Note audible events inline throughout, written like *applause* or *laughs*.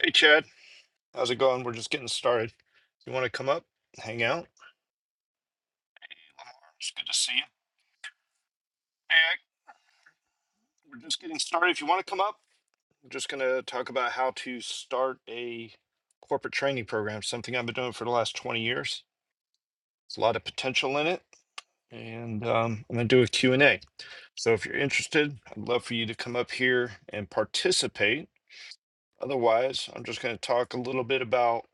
Hey, Chad. How's it going? We're just getting started. You want to come up, hang out? Hey, Lamar, It's good to see you. Hey, Ike, we're just getting started. If you want to come up, we're just going to talk about how to start a corporate training program, something I've been doing for the last 20 years. There's a lot of potential in it, and um, I'm going to do a Q and a So if you're interested, I'd love for you to come up here and participate. Otherwise, I'm just going to talk a little bit about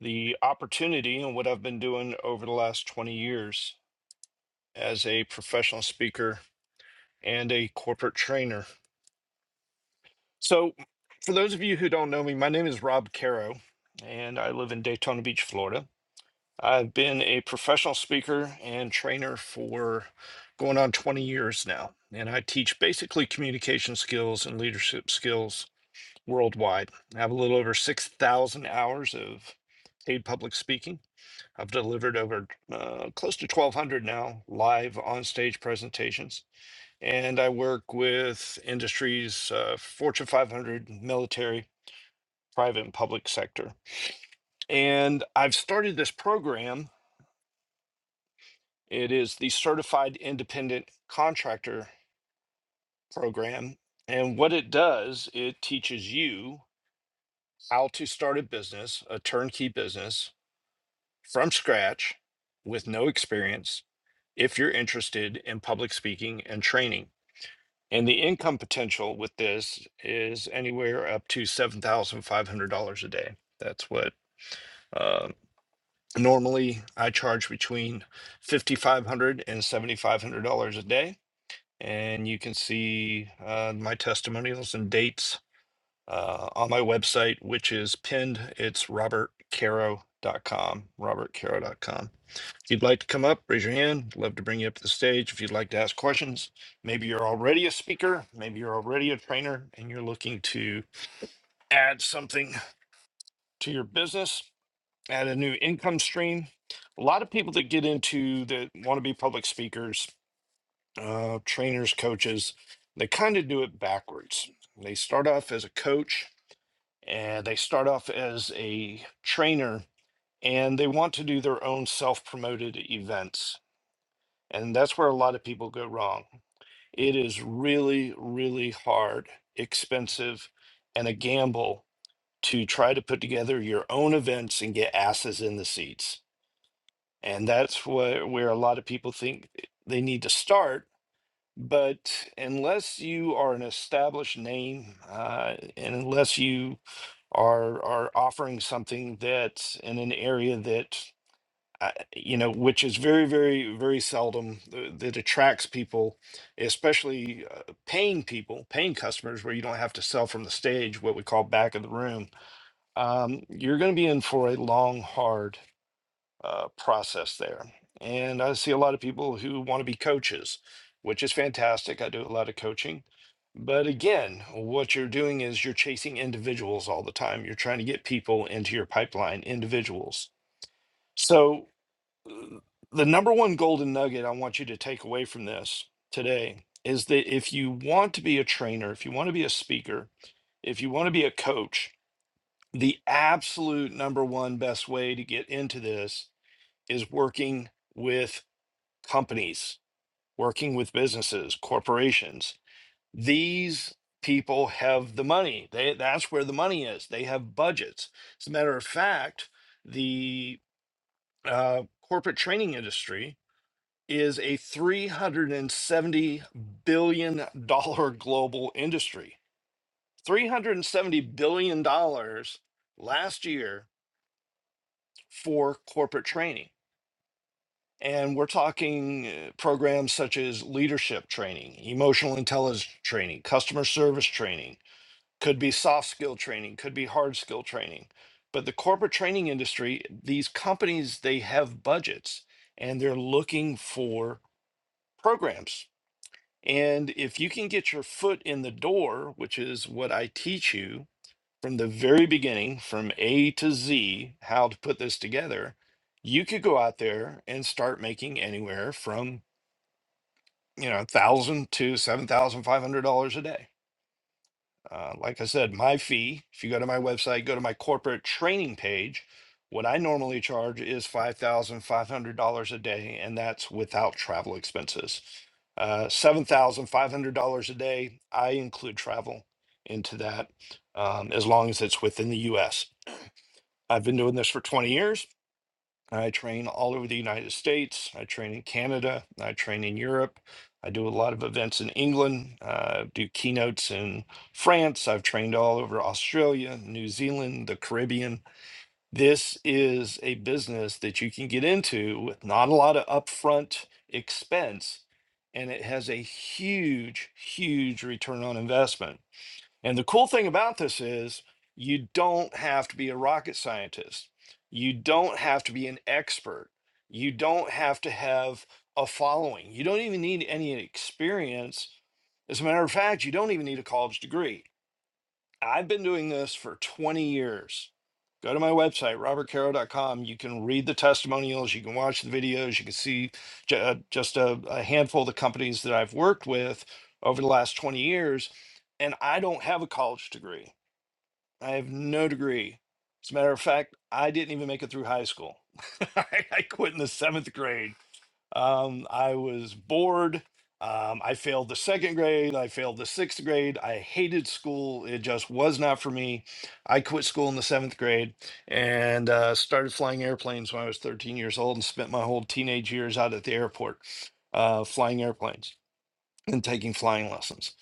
the opportunity and what I've been doing over the last 20 years as a professional speaker and a corporate trainer. So, for those of you who don't know me, my name is Rob Caro, and I live in Daytona Beach, Florida. I've been a professional speaker and trainer for going on 20 years now, and I teach basically communication skills and leadership skills worldwide. I have a little over 6,000 hours of paid public speaking. I've delivered over uh, close to 1,200 now live on stage presentations and I work with industries, uh, Fortune 500, military, private, and public sector. And I've started this program. It is the Certified Independent Contractor Program. And what it does, it teaches you how to start a business, a turnkey business from scratch with no experience if you're interested in public speaking and training. And the income potential with this is anywhere up to $7,500 a day. That's what uh, normally I charge between fifty five hundred and seventy five hundred dollars a day. And you can see uh, my testimonials and dates uh, on my website, which is pinned. It's robert caro dot com. robert caro dot com. If you'd like to come up, raise your hand. I'd Love to bring you up to the stage. If you'd like to ask questions, maybe you're already a speaker, maybe you're already a trainer, and you're looking to add something to your business, add a new income stream. A lot of people that get into that want to be public speakers, uh, trainers, coaches, they kind of do it backwards. They start off as a coach and they start off as a trainer and they want to do their own self promoted events And that's where a lot of people go wrong. It is really, really hard, expensive, and a gamble to try to put together your own events and get asses in the seats. And that's where, where a lot of people think they need to start. But unless you are an established name uh, and unless you are, are offering something that's in an area that I- you know, which is very, very, very seldom uh, that attracts people, especially uh, paying people, paying customers, where you don't have to sell from the stage, what we call back of the room. Um, you're going to be in for a long, hard uh, process there. And I see a lot of people who want to be coaches, which is fantastic. I do a lot of coaching. But again, what you're doing is you're chasing individuals all the time. You're trying to get people into your pipeline, individuals. So the number one golden nugget I want you to take away from this today is that if you want to be a trainer, if you want to be a speaker, if you want to be a coach, the absolute number one best way to get into this is working with companies, working with businesses, corporations. These people have the money. They, that's where the money is. They have budgets. As a matter of fact, the uh, corporate training industry is a $370 billion dollars global industry. $370 billion dollars last year for corporate training. And we're talking uh, programs such as leadership training, emotional intelligence training, customer service training, could be soft skill training, could be hard skill training. But the corporate training industry, these companies, they have budgets and they're looking for programs And if you can get your foot in the door, which is what I teach you from the very beginning, from A to Z, how to put this together, you could go out there and start making anywhere from, you know, 1000 to $7,500 a day uh, like I said, my fee, if you go to my website, go to my corporate training page, what I normally charge is $5,500 a day, and that's without travel expenses. Uh, $7,500 a day, I include travel into that um, as long as it's within the US. I've been doing this for 20 years. I train all over the United States. I train in Canada. I train in Europe. I do a lot of events in England. Uh, do keynotes in France. I've trained all over Australia, New Zealand, the Caribbean. This is a business that you can get into with not a lot of upfront expense, and it has a huge, huge return on investment and the cool thing about this is you don't have to be a rocket scientist. You don't have to be an expert. You don't have to have a following. You don't even need any experience. As a matter of fact, you don't even need a college degree. I've been doing this for 20 years. Go to my website, robertcaro.com. You can read the testimonials, you can watch the videos, you can see ju- uh, just a, a handful of the companies that I've worked with over the last 20 years. And I don't have a college degree, I have no degree. As a matter of fact, I didn't even make it through high school. *laughs* I I quit in the seventh grade um, I was bored. Um, I failed the second grade. I failed the sixth grade. I hated school. It just was not for me. I quit school in the seventh grade and uh, started flying airplanes when I was 13 years old and spent my whole teenage years out at the airport uh, flying airplanes and taking flying lessons.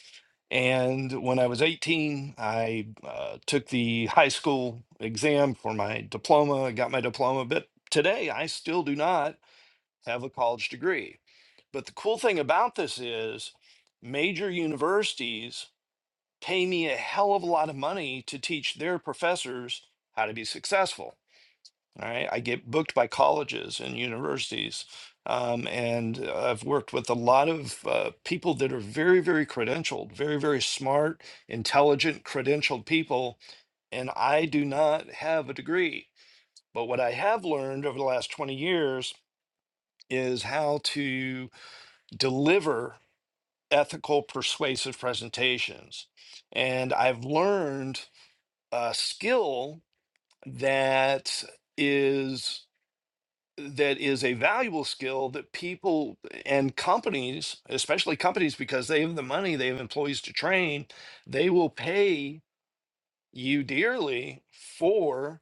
And when I was 18, I uh, took the high school exam for my diploma. I got my diploma, but today I still do not have a college degree. But the cool thing about this is major universities pay me a hell of a lot of money to teach their professors how to be successful. All right. I get booked by colleges and universities. Um, and uh, I've worked with a lot of uh, people that are very, very credentialed, very, very smart, intelligent, credentialed people. And I do not have a degree. But what I have learned over the last 20 years is how to deliver ethical, persuasive presentations. And I've learned a skill that is that is a valuable skill that people and companies, especially companies, because they have the money, they have employees to train, they will pay you dearly for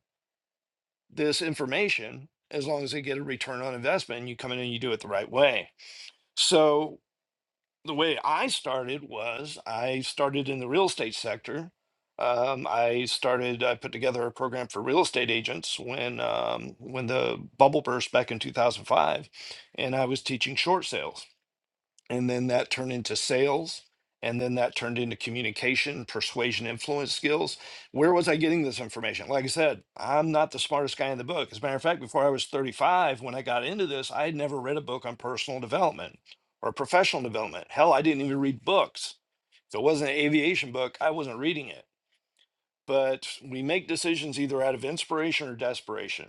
this information as long as they get a return on investment and you come in and you do it the right way. So the way I started was I started in the real estate sector. Um, I started. I put together a program for real estate agents when um, when the bubble burst back in 2005, and I was teaching short sales and then that turned into sales and then that turned into communication persuasion influence skills where was i getting this information like i said i'm not the smartest guy in the book as a matter of fact before i was 35 when i got into this i had never read a book on personal development or professional development hell i didn't even read books if it wasn't an aviation book i wasn't reading it but we make decisions either out of inspiration or desperation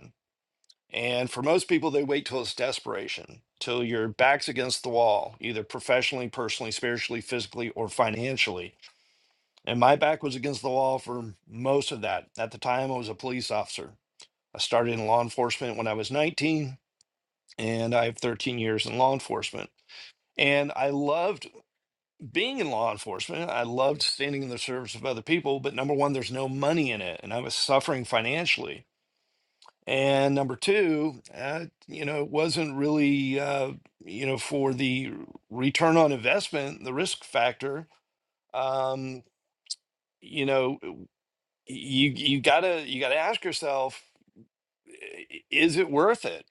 and for most people, they wait till it's desperation, till your back's against the wall, either professionally, personally, spiritually, physically, or financially. And my back was against the wall for most of that. At the time, I was a police officer. I started in law enforcement when I was 19, and I have 13 years in law enforcement. And I loved being in law enforcement. I loved standing in the service of other people, but number one, there's no money in it. And I was suffering financially And number two, uh, you know, it wasn't really, uh, you know, for the return on investment, the risk factor. Um, you know, you you gotta you gotta ask yourself, i- is it worth it?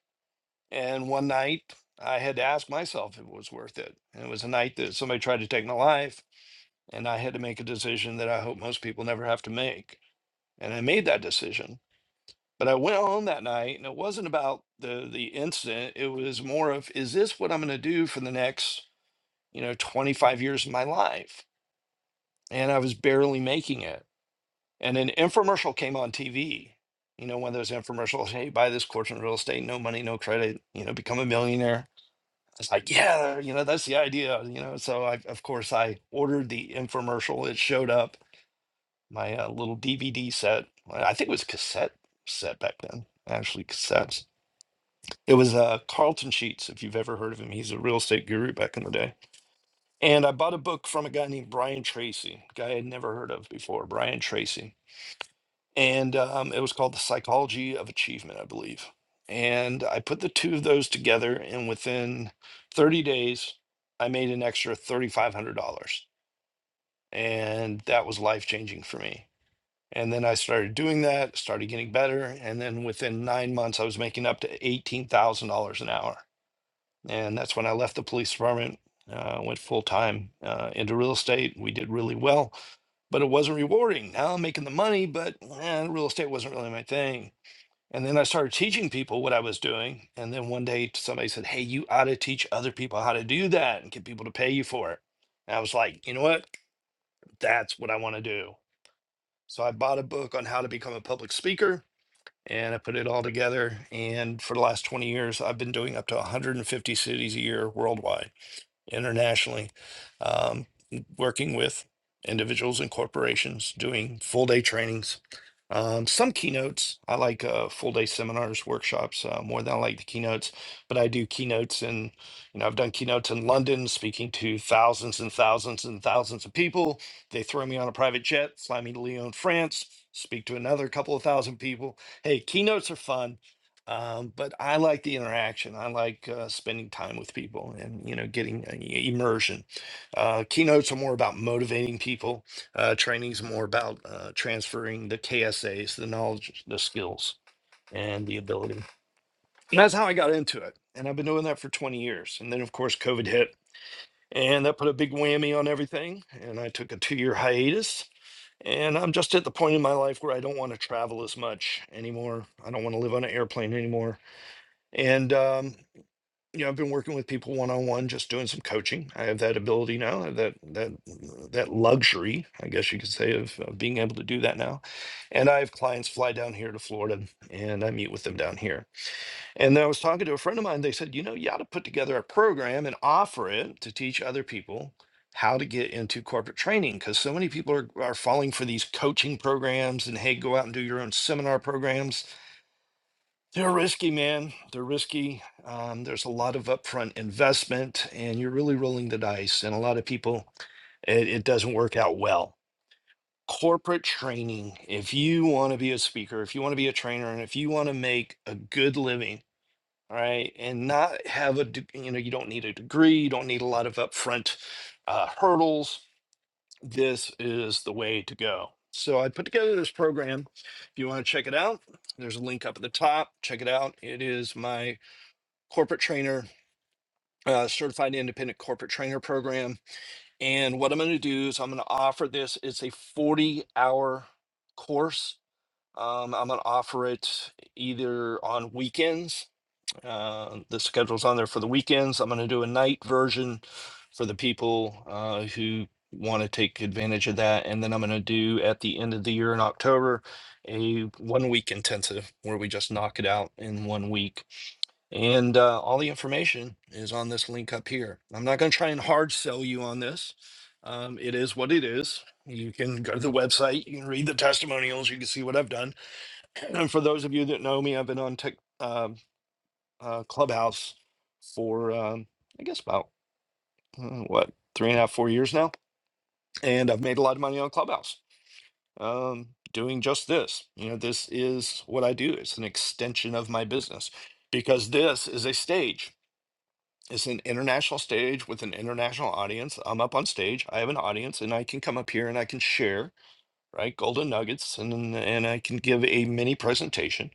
And one night, I had to ask myself if it was worth it. And it was a night that somebody tried to take my life, and I had to make a decision that I hope most people never have to make. And I made that decision But I went home that night, and it wasn't about the the incident. It was more of, is this what I'm going to do for the next, you know, 25 years of my life? And I was barely making it. And an infomercial came on TV. You know, one of those infomercials, hey, buy this course in real estate, no money, no credit, you know, become a millionaire. I was like, yeah, you know, that's the idea, you know. So I, of course, I ordered the infomercial. It showed up my uh, little DVD set. I think it was cassette set back then, actually cassettes It was uh, Carlton Sheets, if you've ever heard of him. He's a real estate guru back in the day. And I bought a book from a guy named Brian Tracy, guy I'd never heard of before, Brian Tracy. And um, it was called The Psychology of Achievement, I believe. And I put the two of those together, and within 30 days, I made an extra $3,500. And that was life changing for me. And then I started doing that, started getting better. And then within nine months, I was making up to $18,000 an hour And that's when I left the police department, uh, went full time uh, into real estate. We did really well, but it wasn't rewarding. Now I'm making the money, but eh, real estate wasn't really my thing. And then I started teaching people what I was doing. And then one day somebody said, Hey, you ought to teach other people how to do that and get people to pay you for it. And I was like, You know what? That's what I want to do. So I bought a book on how to become a public speaker and I put it all together. And for the last 20 years, I've been doing up to 150 cities a year worldwide internationally, um, working with individuals and corporations, doing full day trainings, um, some keynotes. I like uh, full day seminars, workshops uh, more than I like the keynotes, but I do keynotes and you know I've done keynotes in London, speaking to thousands and thousands and thousands of people. They throw me on a private jet, fly me to Lyon, France, speak to another couple of thousand people. Hey, keynotes are fun um, but I like the interaction. I like uh, spending time with people and you know getting uh, y- immersion. Uh, keynotes are more about motivating people. Uh, trainings more about uh, transferring the KSAs, the knowledge, the skills, and the ability. And that's how I got into it. And I've been doing that for 20 years. And then of course COVID hit, and that put a big whammy on everything. And I took a two-year hiatus. And I'm just at the point in my life where I don't want to travel as much anymore. I don't want to live on an airplane anymore and um, you know, I've been working with people one on one, just doing some coaching. I have that ability now, I have that that that luxury, I guess you could say, of, of being able to do that now. And I have clients fly down here to Florida, and I meet with them down here. And I was talking to a friend of mine. They said, you know, you ought to put together a program and offer it to teach other people how to get into corporate training because so many people are, are falling for these coaching programs and hey go out and do your own seminar programs they're risky, man. They're risky. Um, there's a lot of upfront investment, and you're really rolling the dice. And a lot of people, it, it doesn't work out well. Corporate training, if you want to be a speaker, if you want to be a trainer, and if you want to make a good living, all right, and not have a, de- you know, you don't need a degree, you don't need a lot of upfront uh, hurdles, this is the way to go. So I put together this program. If you want to check it out, there's a link up at the top. Check it out. It is my corporate trainer, uh, certified independent corporate trainer program. And what I'm going to do is I'm going to offer this. It's a 40 hour course. Um, I'm going to offer it either on weekends. Uh, the schedule's on there for the weekends. I'm going to do a night version for the people uh, who want to take advantage of that. And then I'm going to do at the end of the year in October a one week intensive where we just knock it out in one week and uh, all the information is on this link up here. I'm not going to try and hard sell you on this. Um, it is what it is. You can go to the website, you can read the testimonials, you can see what I've done. *clears throat* And for those of you that know me, I've been on Tik um uh, Clubhouse for, um, I guess, about uh, what, three and a half, four years now. And I've made a lot of money on Clubhouse um, doing just this. You know, this is what I do, it's an extension of my business because this is a stage It's an international stage with an international audience. I'm up on stage. I have an audience, and I can come up here and I can share, right? Golden nuggets, and then- and I can give a mini presentation.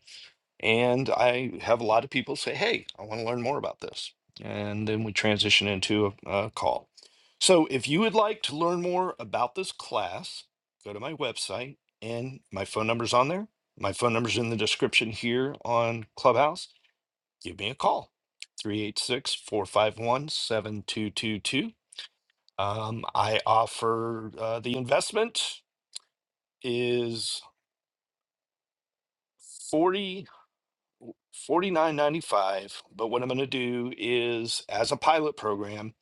And I have a lot of people say, "Hey, I want to learn more about this," and then we transition into a, a call. So, if you would like to learn more about this class, go to my website, and my phone number's on there. My phone number's in the description here on Clubhouse give me a call three eight six four five one seven two two two. um, i offer uh, the investment is forty forty nine ninety five. but what i'm going to do is as a pilot program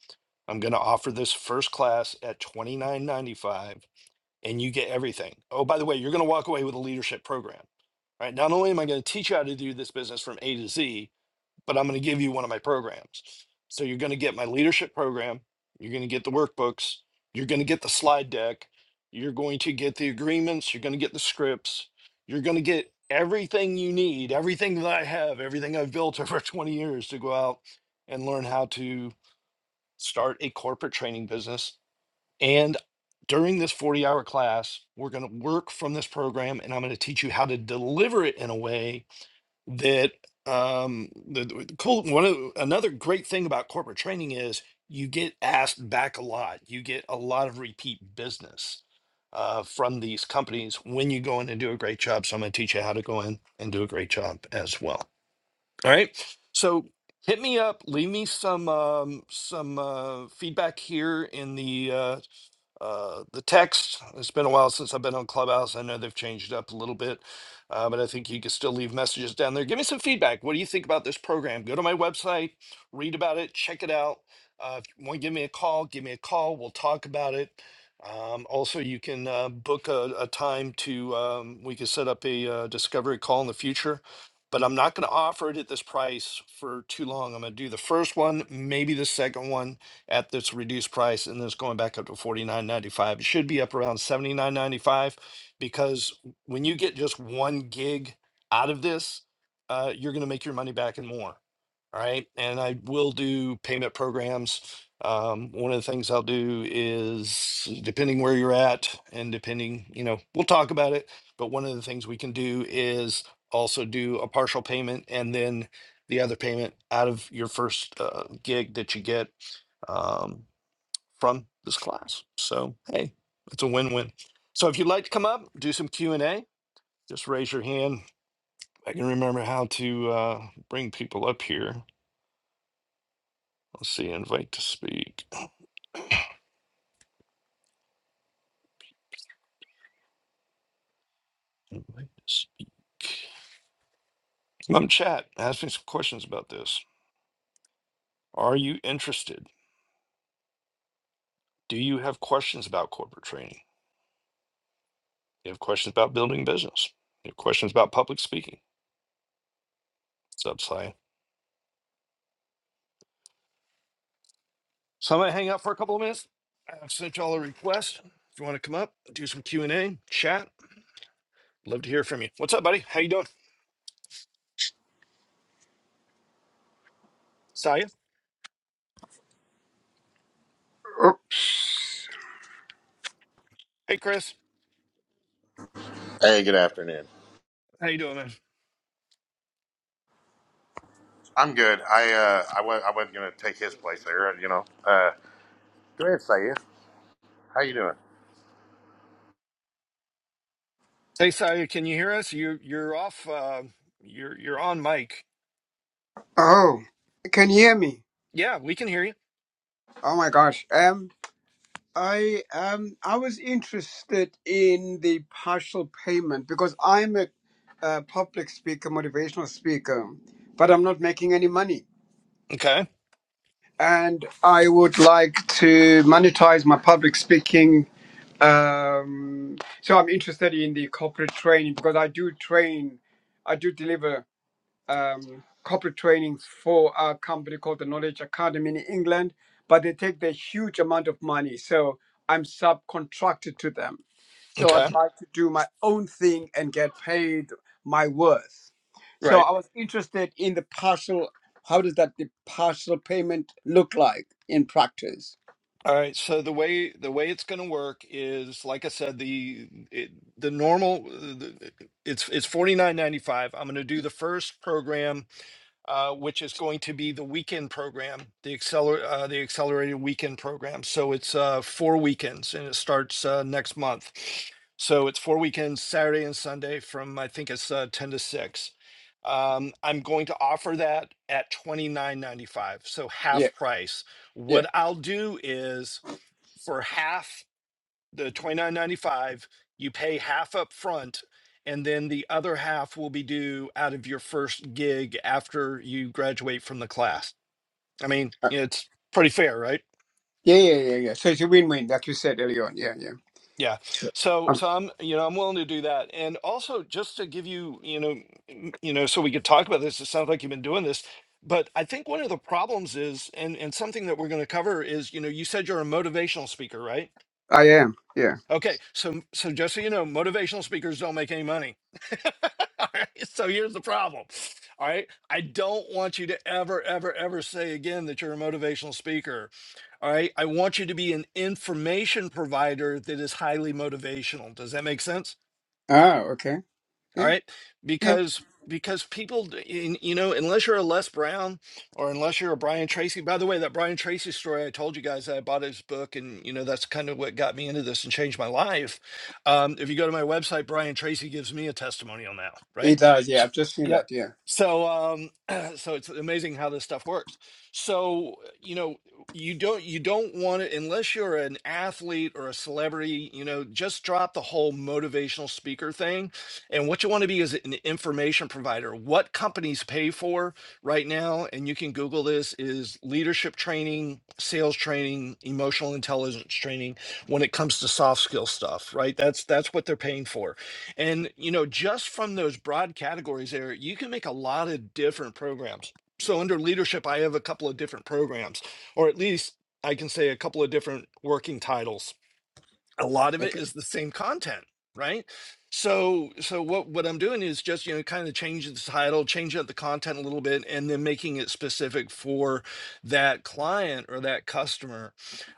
i'm going to offer this first class at 29.95 and you get everything oh by the way you're going to walk away with a leadership program right not only am i going to teach you how to do this business from a to z but I'm going to give you one of my programs. So you're going to get my leadership program, you're going to get the workbooks, you're going to get the slide deck, you're going to get the agreements, you're going to get the scripts, you're going to get everything you need, everything that I have, everything I've built over *laughs* 20 years to go out and learn how to start a corporate training business. And during this 40 hour class, we're going to work from this program and I'm going to teach you how to deliver it in a way that um the, the cool one of another great thing about corporate training is you get asked back a lot you get a lot of repeat business uh, from these companies when you go in and do a great job so i'm going to teach you how to go in and do a great job as well all right so hit me up leave me some um, some uh, feedback here in the uh, uh, the text. It's been a while since I've been on Clubhouse. I know they've changed it up a little bit, uh, but I think you can still leave messages down there. Give me some feedback. What do you think about this program? Go to my website, read about it, check it out. Uh, if you want to give me a call, give me a call. We'll talk about it. Um, also, you can uh, book a, a time to, um, we can set up a uh, discovery call in the future. But I'm not going to offer it at this price for too long. I'm going to do the first one, maybe the second one at this reduced price, and it's going back up to forty nine ninety five. It should be up around seventy nine ninety five, because when you get just one gig out of this, uh, you're going to make your money back and more. All right, and I will do payment programs. Um, one of the things I'll do is depending where you're at, and depending, you know, we'll talk about it. But one of the things we can do is also do a partial payment and then the other payment out of your first uh, gig that you get um, from this class. So hey, it's a win-win. So if you'd like to come up, do some Q and A, just raise your hand. I can remember how to uh, bring people up here. Let's see, invite to speak. Invite to speak. Come up chat. Ask me some questions about this. Are you interested? Do you have questions about corporate training? you have questions about building business? you have questions about public speaking? What's up, Si? So I'm gonna hang out for a couple of minutes. I've sent y'all a request. If you want to come up, do some Q and A, chat. Love to hear from you. What's up, buddy? How you doing, Saya? Oh, Hey, Chris. Hey, good afternoon. How you doing, man? I'm good. I uh, I went. I wasn't gonna take his place there. You know. Uh, go ahead, Saya. How you doing? Hey, Saya. Can you hear us? You you're off. Uh, you're you're on mic. oh, can you hear me? Yeah, we can hear you. Oh my gosh. Um, I um, I was interested in the partial payment because I'm a, uh public speaker, motivational speaker, but I'm not making any money, Okay. and I would like to monetize my public speaking. Um, so I'm interested in the corporate training because I do train, I do deliver um, corporate trainings for a company called the Knowledge Academy in England, but they take the huge amount of money. So I'm subcontracted to them. So Okay. I'd like to do my own thing and get paid my worth. So Right. I was interested in the partial. How does that the partial payment look like in practice? All right. So the way the way it's going to work is, like I said, the it, the normal. uh, The, it's it's forty nine ninety five. I'm going to do the first program uh, which is going to be the weekend program, the acceler- uh, the accelerated weekend program. So it's uh, four weekends, and it starts uh, next month. So it's four weekends, Saturday and Sunday, from I think it's uh, ten to six. Um, I'm going to offer that at twenty nine ninety five, so Yeah, half price. yeah, What I'll do is for half the 29.95 you pay half up front and then the other half will be due out of your first gig after you graduate from the class i mean Uh, it's pretty fair right yeah, yeah, yeah, yeah. So it's a win-win, like you said earlier on. Yeah, yeah. yeah Sure. so Uh, so i'm you know i'm willing to do that and also just to give you you know m- you know so we could talk about this it sounds like you've been doing this but i think one of the problems is and and something that we're going to cover is you know you said you're a motivational speaker right I am. Yeah. Okay, so so just so you know, motivational speakers don't make any money. *laughs* All right, so here's the problem. All right, I don't want you to ever, ever, ever say again that you're a motivational speaker. All right, I want you to be an information provider that is highly motivational. Does that make sense? Oh, okay. all Yeah, right Yeah. because because people d- in- you know unless you're a les brown or unless you're a brian tracy by the way that brian tracy story i told you guys that i bought his book and you know that's kind of what got me into this and changed my life um, if you go to my website brian tracy gives me a testimonial now right It does, yeah. so, I've just seen yep that, yeah. so um *clears throat* so it's amazing how this stuff works so you know you don't you don't want to unless you're an athlete or a celebrity you know just drop the whole motivational speaker thing and what you want to be is an information provider. What companies pay for right now, and you can Google this, is leadership training, sales training, emotional intelligence training when it comes to soft skill stuff, right? That's that's what they're paying for. And you know, just from those broad categories there, you can make a lot of different programs. So under leadership, I have a couple of different programs, or at least I can say a couple of different working titles a lot of it Okay. is the same content right so so what what i'm doing is just you know kind of changing the title changing up the content a little bit and then making it specific for that client or that customer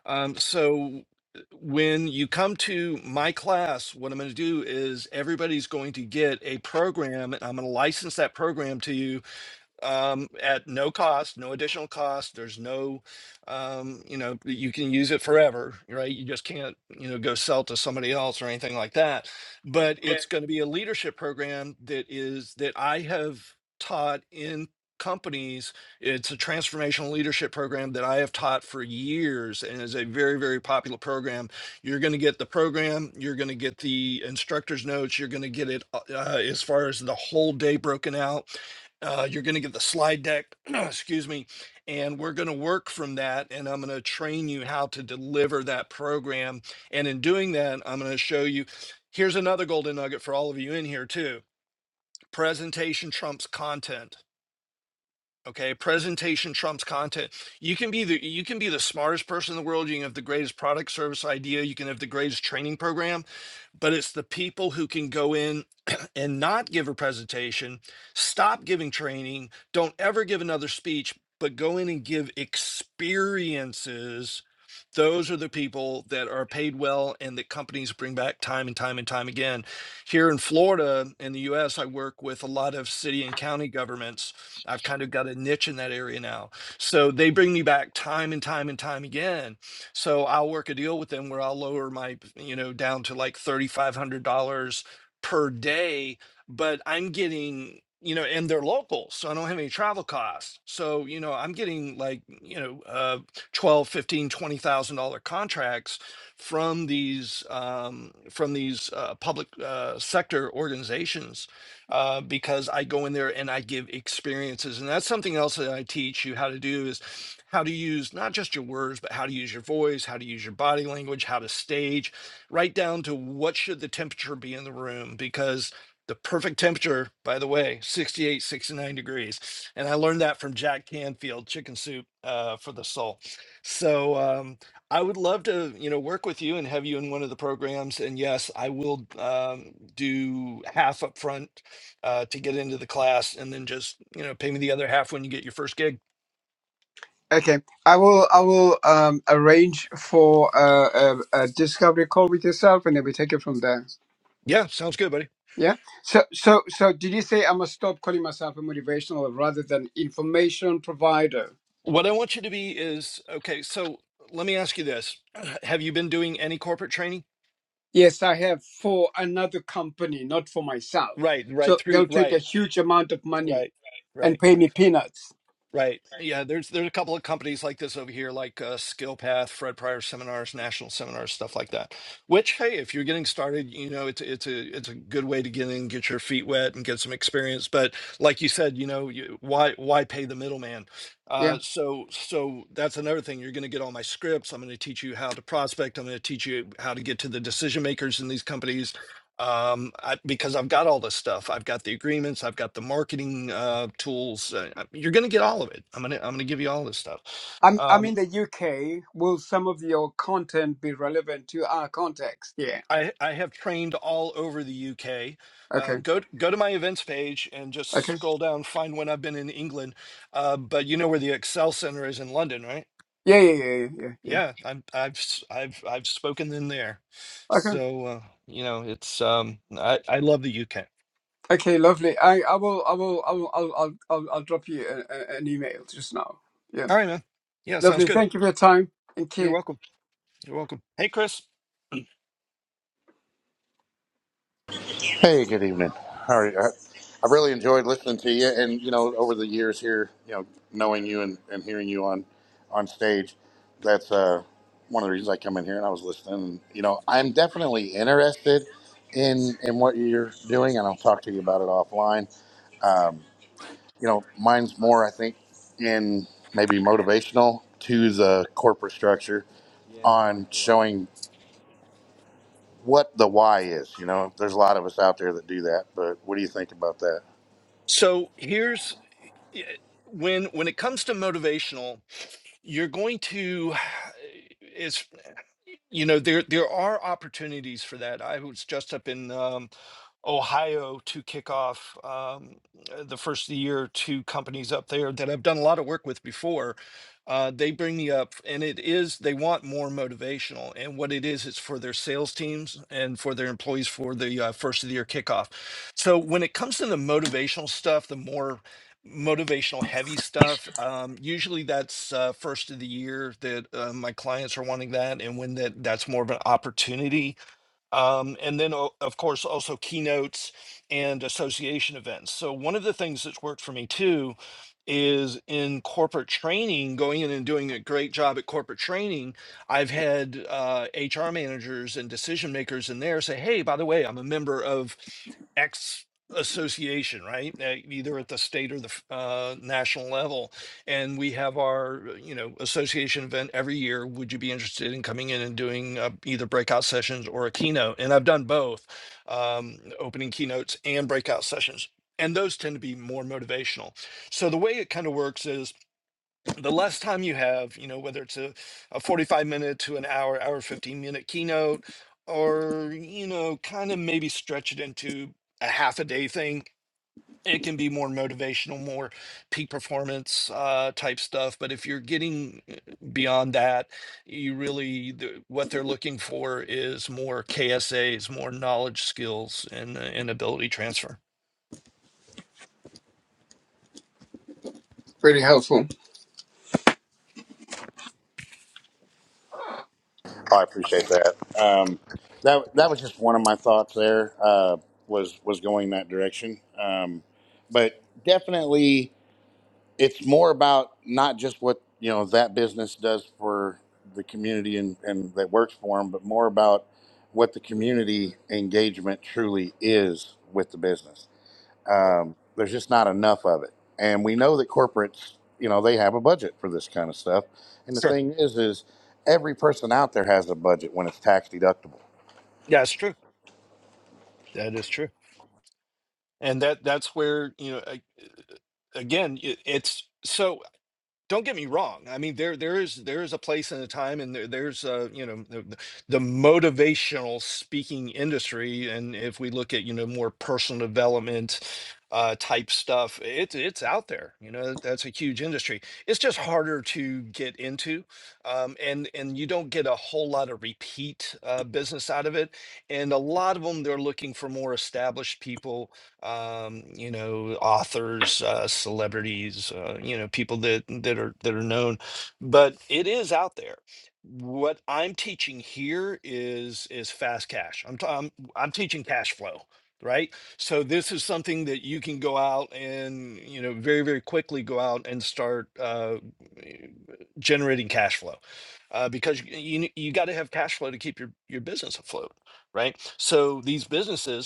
um, so uh, when you come to my class what i'm going to do is everybody's going to get a program and i'm going to license that program to you um, at no cost, no additional cost. There's no, um, you know, you can use it forever, right? You just can't, you know, go sell to somebody else or anything like that. But it's going to be a leadership program that is that I have taught in companies. It's a transformational leadership program that I have taught for years and is a very, very popular program. You're going to get the program, you're going to get the instructor's notes, you're going to get it uh, as far as the whole day broken out uh, you're going to get the slide deck, *clears throat* excuse me, and we're going to work from that. And I'm going to train you how to deliver that program. And in doing that, I'm going to show you. Here's another golden nugget for all of you in here, too presentation trumps content. Okay, presentation trumps content. You can be the you can be the smartest person in the world. You can have the greatest product service idea. You can have the greatest training program but it's the people who can go in *clears throat* and not give a presentation, stop giving training, don't ever give another speech, but go in and give experiences those are the people that are paid well and that companies bring back time and time and time again. Here in Florida, in the US, I work with a lot of city and county governments. I've kind of got a niche in that area now. So they bring me back time and time and time again. So I'll work a deal with them where I'll lower my, you know, down to like $3,500 per day, but I'm getting, you know, and they're local, so I don't have any travel costs. So, you know, I'm getting like, you know, uh twelve, fifteen, twenty thousand dollar contracts from these um, from these uh, public uh, sector organizations uh, because I go in there and I give experiences, and that's something else that I teach you how to do is how to use not just your words, but how to use your voice, how to use your body language, how to stage, right down to what should the temperature be in the room because the perfect temperature by the way 68, 69 degrees and i learned that from jack canfield chicken soup uh, for the soul so um, I would love to, you know, work with you and have you in one of the programs. And yes, I will um, do half up front uh, to get into the class, and then just, you know, pay me the other half when you get your first gig. Okay, I will. I will um, arrange for a, a, a discovery call with yourself, and then we take it from there. Yeah, sounds good, buddy. Yeah. So, so, so, did you say I must stop calling myself a motivational rather than information provider? What I want you to be is okay. So let me ask you this: *clears throat* Have you been doing any corporate training? Yes, I have for another company, not for myself. Right, right, So through, they'll take a right, huge amount of money right, right. and pay me peanuts. Right. Yeah, there's there's a couple of companies like this over here, like uh, SkillPath, Fred Pryor seminars, national seminars, stuff like that. Which, hey, if you're getting started, you know it's it's a it's a good way to get in, get your feet wet, and get some experience. But like you said, you know, you, why why pay the middleman? Yeah. Uh, so so that's another thing. You're going to get all my scripts. I'm going to teach you how to prospect. I'm going to teach you how to get to the decision makers in these companies um I, because i've got all this stuff i've got the agreements i've got the marketing uh tools uh, uh, you're gonna get all of it i'm gonna i'm gonna give you all this stuff I'm. I'm um in the UK. Will some of your content be relevant to our context? Yeah. i i have trained all over the uk Okay. uh go t- go to my events page and just Okay. scroll down find when i've been in england uh but you know where the excel center is in london right Yeah, yeah, yeah, yeah, yeah. yeah. yeah i'm i've s- i've i've spoken in there Okay. so uh you know it's um i i love the uk Okay, lovely. I, I will, I will, I will, I'll, I'll, I'll, I'll drop you a, a, an email just now. Yeah. all right man yeah sounds Lovely. good Thank you for your time. Thank you're you. welcome you're welcome hey chris Hey, good evening. How are you? I, I really enjoyed listening to you, and you know, over the years here, you know, knowing you and, and hearing you on on stage, that's uh, one of the reasons I come in here. And I was listening. And, you know, I'm definitely interested in in what you're doing, and I'll talk to you about it offline you know, mine's more, I think, in maybe motivational to the corporate structure on showing what the why is. You know, there's a lot of us out there that do that, but what do you think about that? So here's eh, when when it comes to motivational, you're going to eh, is you know there there are opportunities for that. I was just up in um, Ohio to kick off um, uh, the first of the year two companies up there that I've done a lot of work with before. Uh, they bring me up, and it is they want more motivational. And what it is, it's for their sales teams and for their employees for the uh, first of the year kickoff. So when it comes to the motivational stuff, the more motivational heavy stuff um, usually that's uh, first of the year that uh, my clients are wanting that and when that that's more of an opportunity um, and then, o- of course, also keynotes and association events. So, one of the things that's worked for me too is in corporate training, going in and doing a great job at corporate training. I've had uh, HR managers and decision makers in there say, Hey, by the way, I'm a member of X association, right? Uh, Either at the state or the f- uh, national level and we have our uh, you know association event every year would you be interested in coming in and doing uh, either breakout sessions or a keynote and i've done both um, opening keynotes and breakout sessions and those tend to be more motivational so the way it kind of works is the less time you have you know whether it's a, a 45 minute to an hour hour 15 minute keynote or you know kind of maybe stretch it into a half a day thing it can be more motivational, more peak performance uh, type stuff. But if you're getting uh, beyond that, you really the, what they're looking for is more KSAs, more knowledge, skills, and uh, and ability transfer. Very helpful. I'm Oh, I appreciate that. Um, that that was just one of my thoughts there. Uh, was was going that direction, um, but definitely. it's more about not just what you know that business does for the community and, and that works for them, but more about what the community engagement truly is with the business. Um, there's just not enough of it, and we know that corporates, you know, they have a budget for this kind of stuff. And the Sure, thing is, is every person out there has a budget when it's tax deductible. yeah, it's true. That is true, and that that's where you know I, again it, it's so. don't get me wrong. I mean, there there is there is a place and a time, and there, there's uh, you know the, the the motivational speaking industry, and if we look at you know more personal development uh, type stuff, it's it's out there. You know, that's a huge industry. It's just harder to get into, um, and and you don't get a whole lot of repeat uh, business out of it. And a lot of them, they're looking for more established people um, you know, authors, uh, celebrities, uh, you know, people that that are that are known, but it is out there. What I'm teaching here is is fast cash. I'm t- I'm, I'm teaching cash flow, right? So this is something that you can go out and you know very very quickly go out and start uh, generating cash flow uh, because you you, you got to have cash flow to keep your your business afloat, right? So these businesses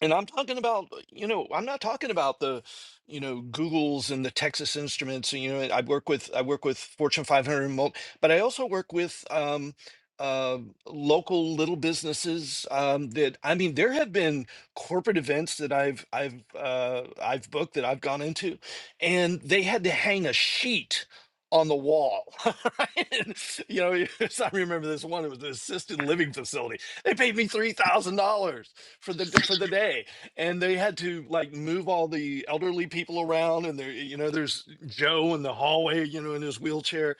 and I'm talking about, uh, you know, I'm not talking about the, you know, Googles and the Texas Instruments. You know, I work with I work with Fortune 500, mul- but I also work with um, uh, local little businesses. Um, that I mean, there have been corporate events that I've I've uh, I've booked that I've gone into, and they had to hang a sheet on the wall. *laughs* right? And, you know, *laughs* I remember this one. It was an assisted living facility. They paid me three thousand dollars for the for the day and they had to like move all the elderly people around and there you know there's joe in the hallway you know in his wheelchair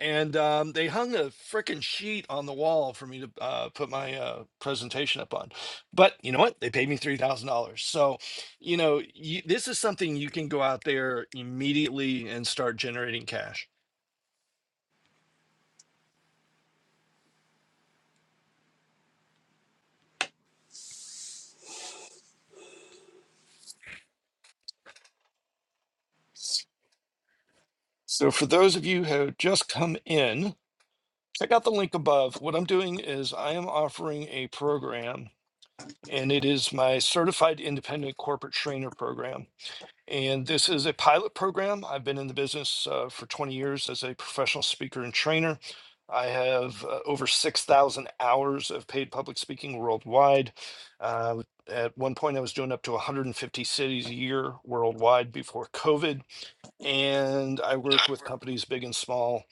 and um, they hung a freaking sheet on the wall for me to uh, put my uh, presentation up on but you know what they paid me $3000 so you know you, this is something you can go out there immediately and start generating cash so for those of you who have just come in check out the link above what i'm doing is i am offering a program and it is my certified independent corporate trainer program. And this is a pilot program. I've been in the business uh, for 20 years as a professional speaker and trainer. I have uh, over 6,000 hours of paid public speaking worldwide. Uh, at one point, I was doing up to 150 cities a year worldwide before COVID and I work with companies big and small,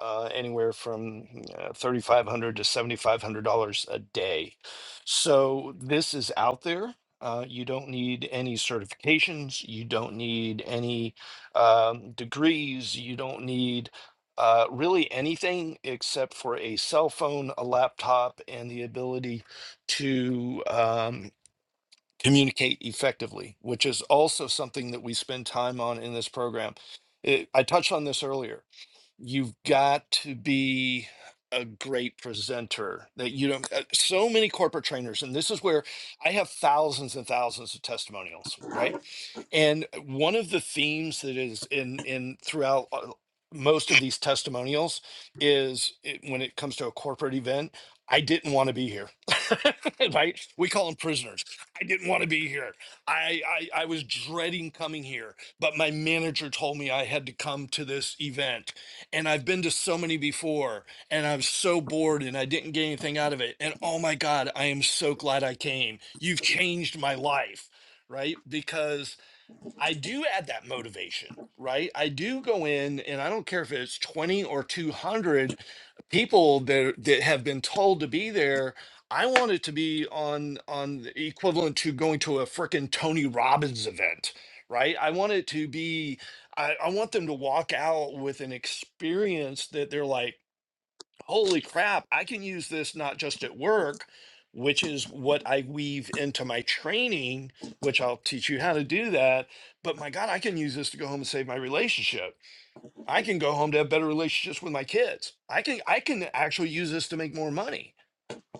uh, anywhere from mm, uh, thirty-five hundred to seventy-five hundred dollars a day. So this is out there. Uh, you don't need any certifications. You don't need any um, degrees. You don't need uh, really anything except for a cell phone, a laptop, and the ability to um, communicate effectively, which is also something that we spend time on in this program. It, I touched on this earlier you've got to be a great presenter that you don't uh, so many corporate trainers and this is where i have thousands and thousands of testimonials right and one of the themes that is in in throughout uh, most of these testimonials is it, when it comes to a corporate event i didn't want to be here *laughs* right we call them prisoners i didn't want to be here I, I i was dreading coming here but my manager told me i had to come to this event and I've been to so many before and I'm so bored and I didn't get anything out of it. And oh my God, I am so glad I came. You've changed my life, right? Because I do add that motivation, right? I do go in and I don't care if it's 20 or 200 people that that have been told to be there. I want it to be on on the equivalent to going to a frickin' Tony Robbins event, right? I want it to be I, I want them to walk out with an experience that they're like holy crap, I can use this not just at work, which is what I weave into my training, which I'll teach you how to do that. But my God, I can use this to go home and save my relationship. I can go home to have better relationships with my kids. I can I can actually use this to make more money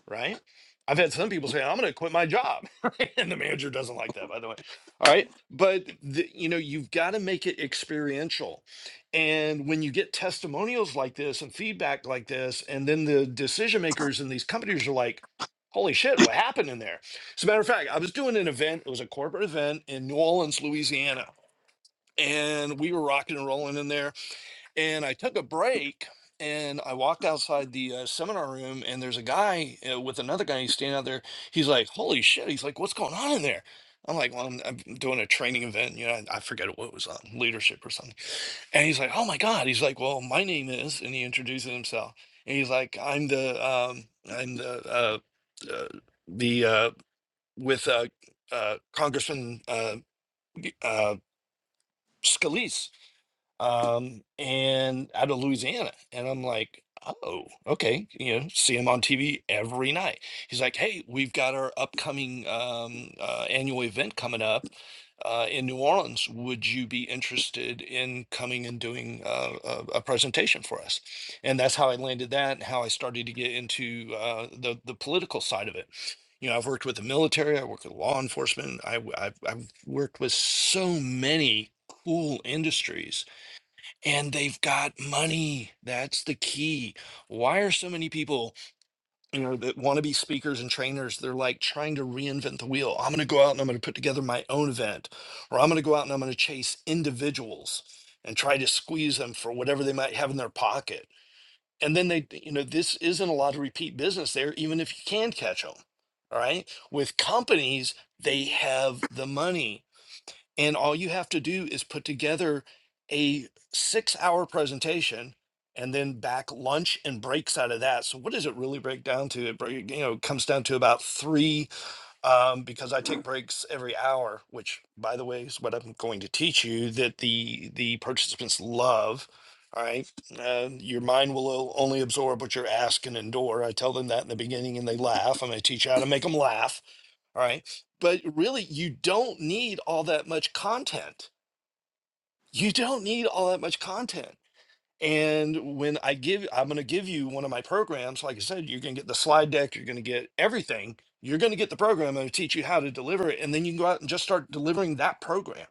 right? I've had some people say, "I'm going to quit my job," *laughs* Right? and the manager doesn't like that, by the way. All right, but the, you know, you've got to make it experiential, and when you get testimonials like this and feedback like this, and then the decision makers in these companies are like, "Holy shit, what happened in there?" As a matter of fact, I was doing an event. It was a corporate event in New Orleans, Louisiana, and we were rocking and rolling in there and I took a break and I walked outside the uh, seminar room and there's a guy uh, with another guy he's standing out there. He's like, "Holy shit!" He's like, "What's going on in there?" I'm like, "Well, I'm, I'm doing a training event. You know, I, I forget what it was on leadership or something." And he's like, "Oh my god!" He's like, "Well, my name is," and he introduces himself. And he's like, "I'm the um, I'm the uh, uh, the uh, with uh, uh, Congressman uh, uh, Scalise." um, and out of Louisiana. And I'm like, oh, okay. You know, see him on TV every night. He's like, hey, we've got our upcoming um, uh, annual event coming up uh, in New Orleans. Would you be interested in coming and doing uh, a, a presentation for us? And that's how I landed that and how I started to get into uh, the, the political side of it. You know, I've worked with the military, I work with law enforcement, I, have I've, I've worked with so many cool industries and they've got money. That's the key. Why are so many people, you know, that want to be speakers and trainers, they're like trying to reinvent the wheel. I'm going to go out and I'm going to put together my own event, or I'm going to go out and I'm going to chase individuals and try to squeeze them for whatever they might have in their pocket. And then they, you know, this isn't a lot of repeat business there, even if you can catch them. All right. With companies, they have the money and all you have to do is put together a six hour presentation and then back lunch and breaks out of that. So what does it really break down to? It break, you know it comes down to about three um, because I take breaks every hour, which by the way is what I'm going to teach you that the the participants love. All right, uh, your mind will o- only absorb what you're asking and endure. I tell them that in the beginning, and they laugh. I'm going to teach you how to make them laugh all right. But really, you don't need all that much content. You don't need all that much content. And when I give, I'm going to give you one of my programs. Like I said, you're going to get the slide deck, you're going to get everything. You're going to get the program I'm going to teach you how to deliver it. And then you can go out and just start delivering that program.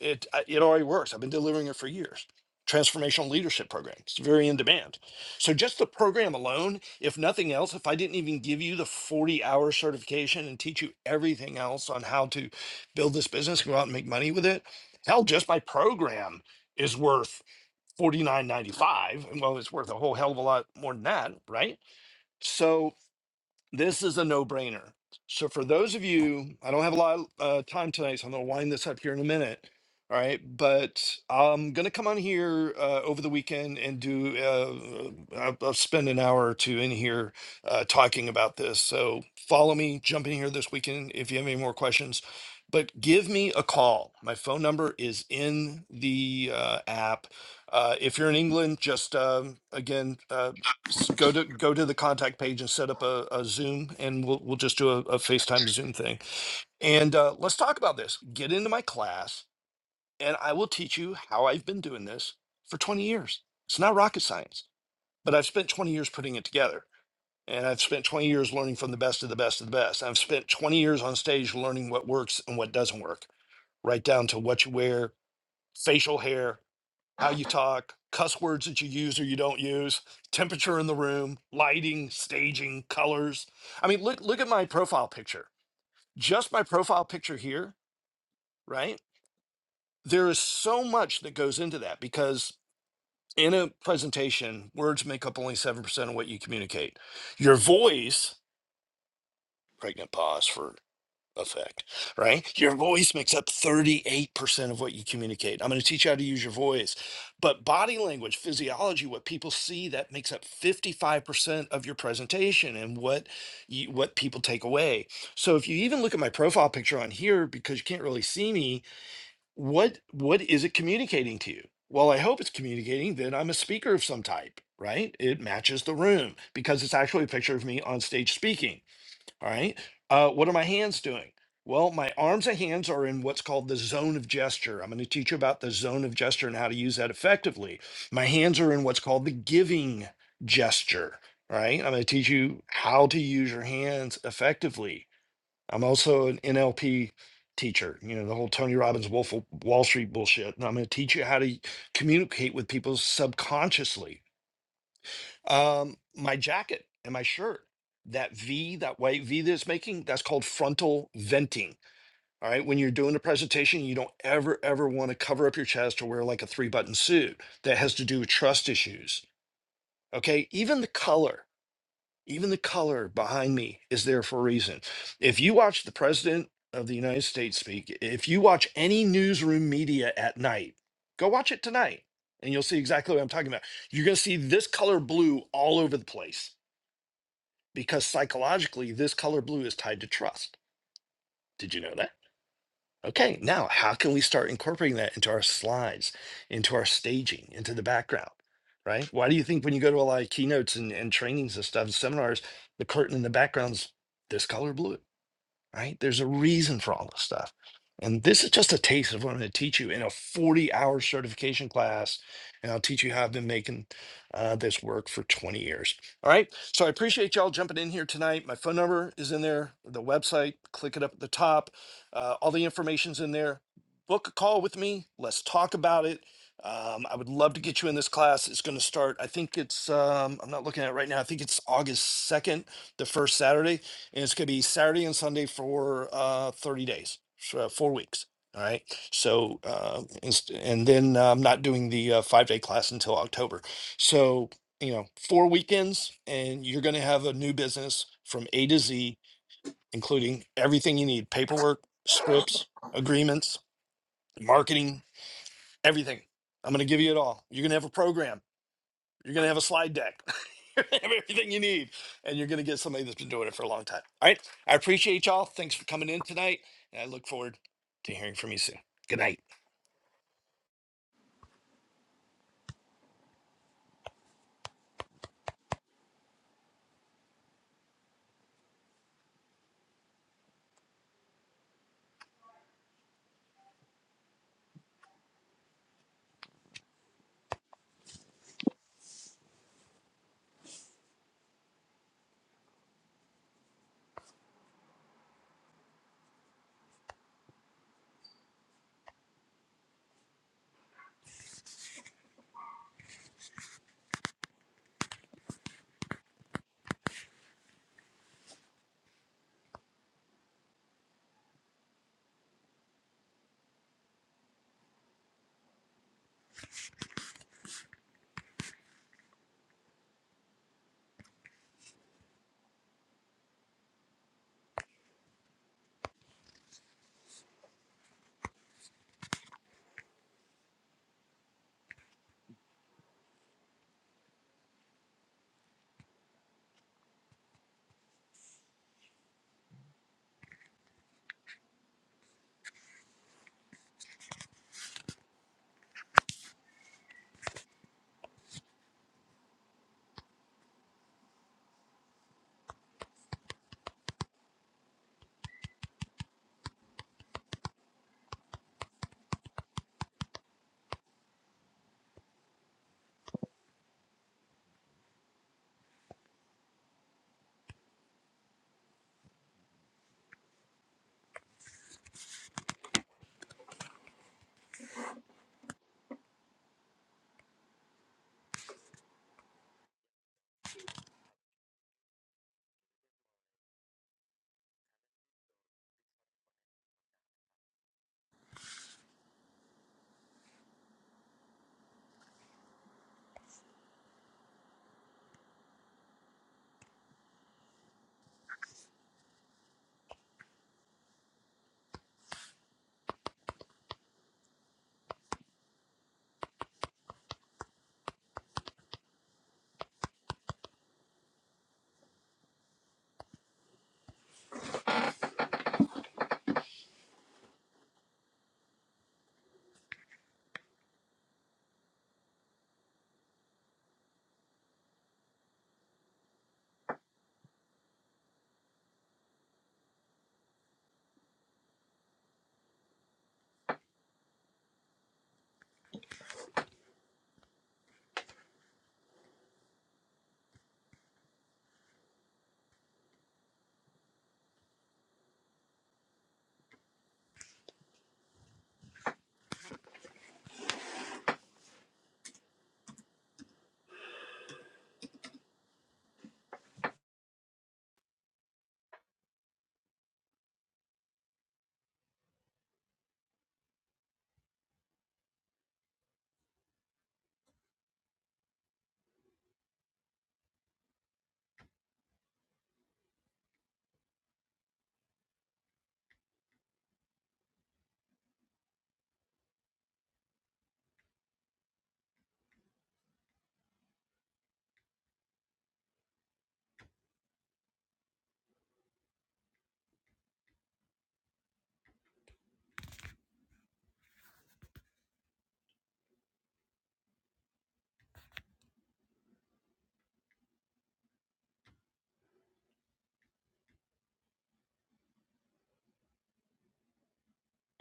It, I- it already works. I've been delivering it for years. Transformational leadership program. It's very in demand. So just the program alone, if nothing else, if I didn't even give you the 40 hour certification and teach you everything else on how to build this business, go out and make money with it, hell, just my program is worth forty nine ninety five. Well, it's worth a whole hell of a lot more than that, right? So this is a no brainer. So, for those of you, I don't have a lot of uh, time tonight, so I'm going to wind this up here in a minute. All right. But I'm going to come on here uh, over the weekend and do, uh, I'll, I'll spend an hour or two in here uh, talking about this. So, follow me, jump in here this weekend if you have any more questions. But give me a call. My phone number is in the uh, app. Uh, if you're in England, just um, again uh, s- go to go to the contact page and set up a, a Zoom, and we'll we'll just do a, a FaceTime Zoom thing. And uh, let's talk about this. Get into my class, and I will teach you how I've been doing this for 20 years. It's not rocket science, but I've spent 20 years putting it together, and I've spent 20 years learning from the best of the best of the best. I've spent 20 years on stage learning what works and what doesn't work, right down to what you wear, facial hair how you talk, cuss words that you use or you don't use, temperature in the room, lighting, staging, colors. I mean, look look at my profile picture. Just my profile picture here, right? There is so much that goes into that because in a presentation, words make up only 7% of what you communicate. Your voice, pregnant pause for effect, right? Your voice makes up 38% of what you communicate. I'm going to teach you how to use your voice. But body language, physiology, what people see that makes up 55% of your presentation and what you, what people take away. So if you even look at my profile picture on here because you can't really see me, what what is it communicating to you? Well, I hope it's communicating that I'm a speaker of some type, right? It matches the room because it's actually a picture of me on stage speaking all right. Uh, what are my hands doing? Well, my arms and hands are in what's called the zone of gesture. I'm going to teach you about the zone of gesture and how to use that effectively. My hands are in what's called the giving gesture, right? I'm going to teach you how to use your hands effectively. I'm also an NLP teacher, you know, the whole Tony Robbins Wolf of Wall Street bullshit. And I'm going to teach you how to communicate with people subconsciously um, my jacket and my shirt, that V, that white V that it's making, that's called frontal venting. All right. When you're doing a presentation, you don't ever, ever want to cover up your chest or wear like a three button suit. That has to do with trust issues. Okay. Even the color, even the color behind me is there for a reason. If you watch the president of the United States speak, if you watch any newsroom media at night, go watch it tonight and you'll see exactly what I'm talking about. You're going to see this color blue all over the place because psychologically this color blue is tied to trust. Did you know that? Okay, now how can we start incorporating that into our slides, into our staging, into the background? Right? Why do you think when you go to a lot of keynotes and, and trainings and stuff, seminars, the curtain in the background's this color blue? right? There's a reason for all this stuff. And this is just a taste of what I'm going to teach you in a 40 hour certification class. And I'll teach you how I've been making uh, this work for 20 years. All right. So I appreciate y'all jumping in here tonight. My phone number is in there, the website, click it up at the top. Uh, all the information's in there. Book a call with me. Let's talk about it. Um, I would love to get you in this class. It's going to start, I think it's, um, I'm not looking at it right now. I think it's August 2nd, the first Saturday and it's going to be Saturday and Sunday for uh, 30 days, so, uh, four weeks. All right. So, uh, inst- and then uh, I'm not doing the uh, five day class until October. So, you know, four weekends, and you're going to have a new business from A to Z, including everything you need paperwork, scripts, agreements, marketing, everything. I'm going to give you it all. You're going to have a program. You're going to have a slide deck. *laughs* You're gonna have everything you need, and you're going to get somebody that's been doing it for a long time. All right. I appreciate y'all. Thanks for coming in tonight, and I look forward to hearing from you soon. Good night.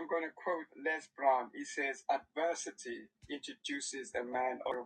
going to quote Les Brown. He says, "Adversity introduces a man." Or-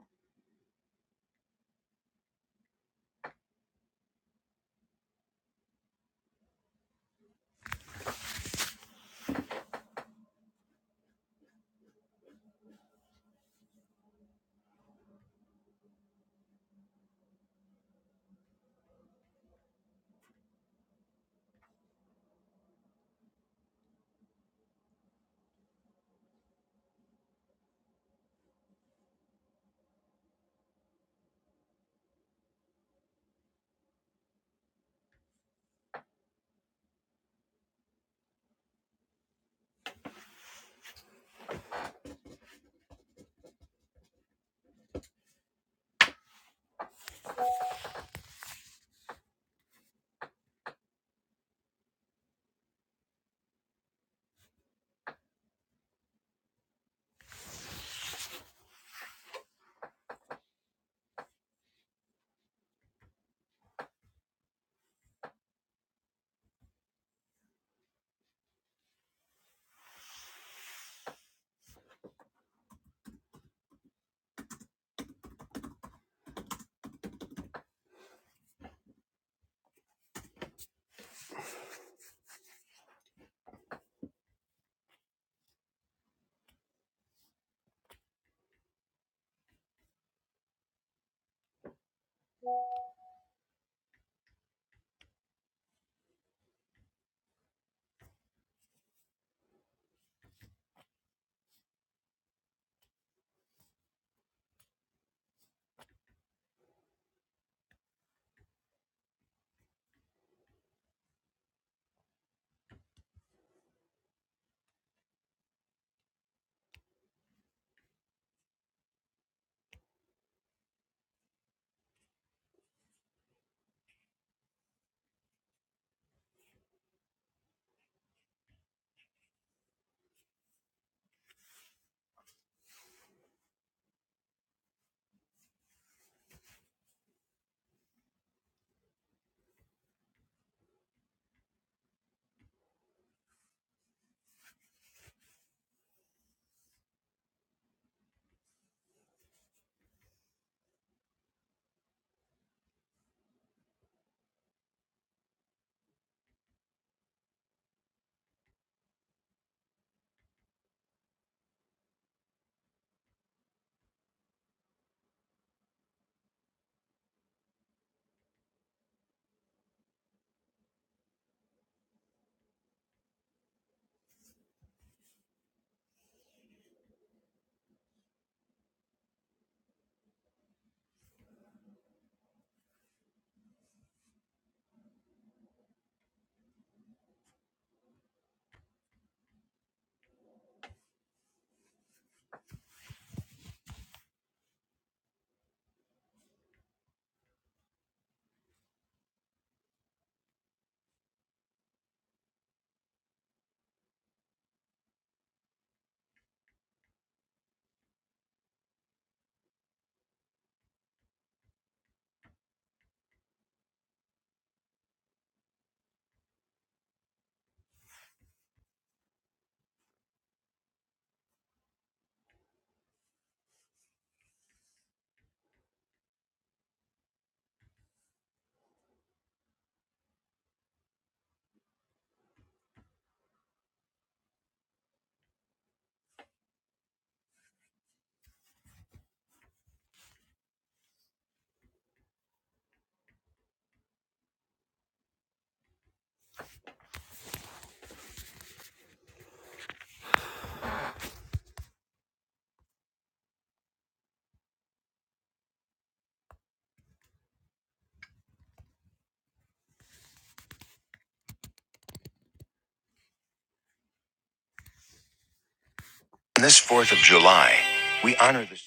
On this Fourth of July, we honor the.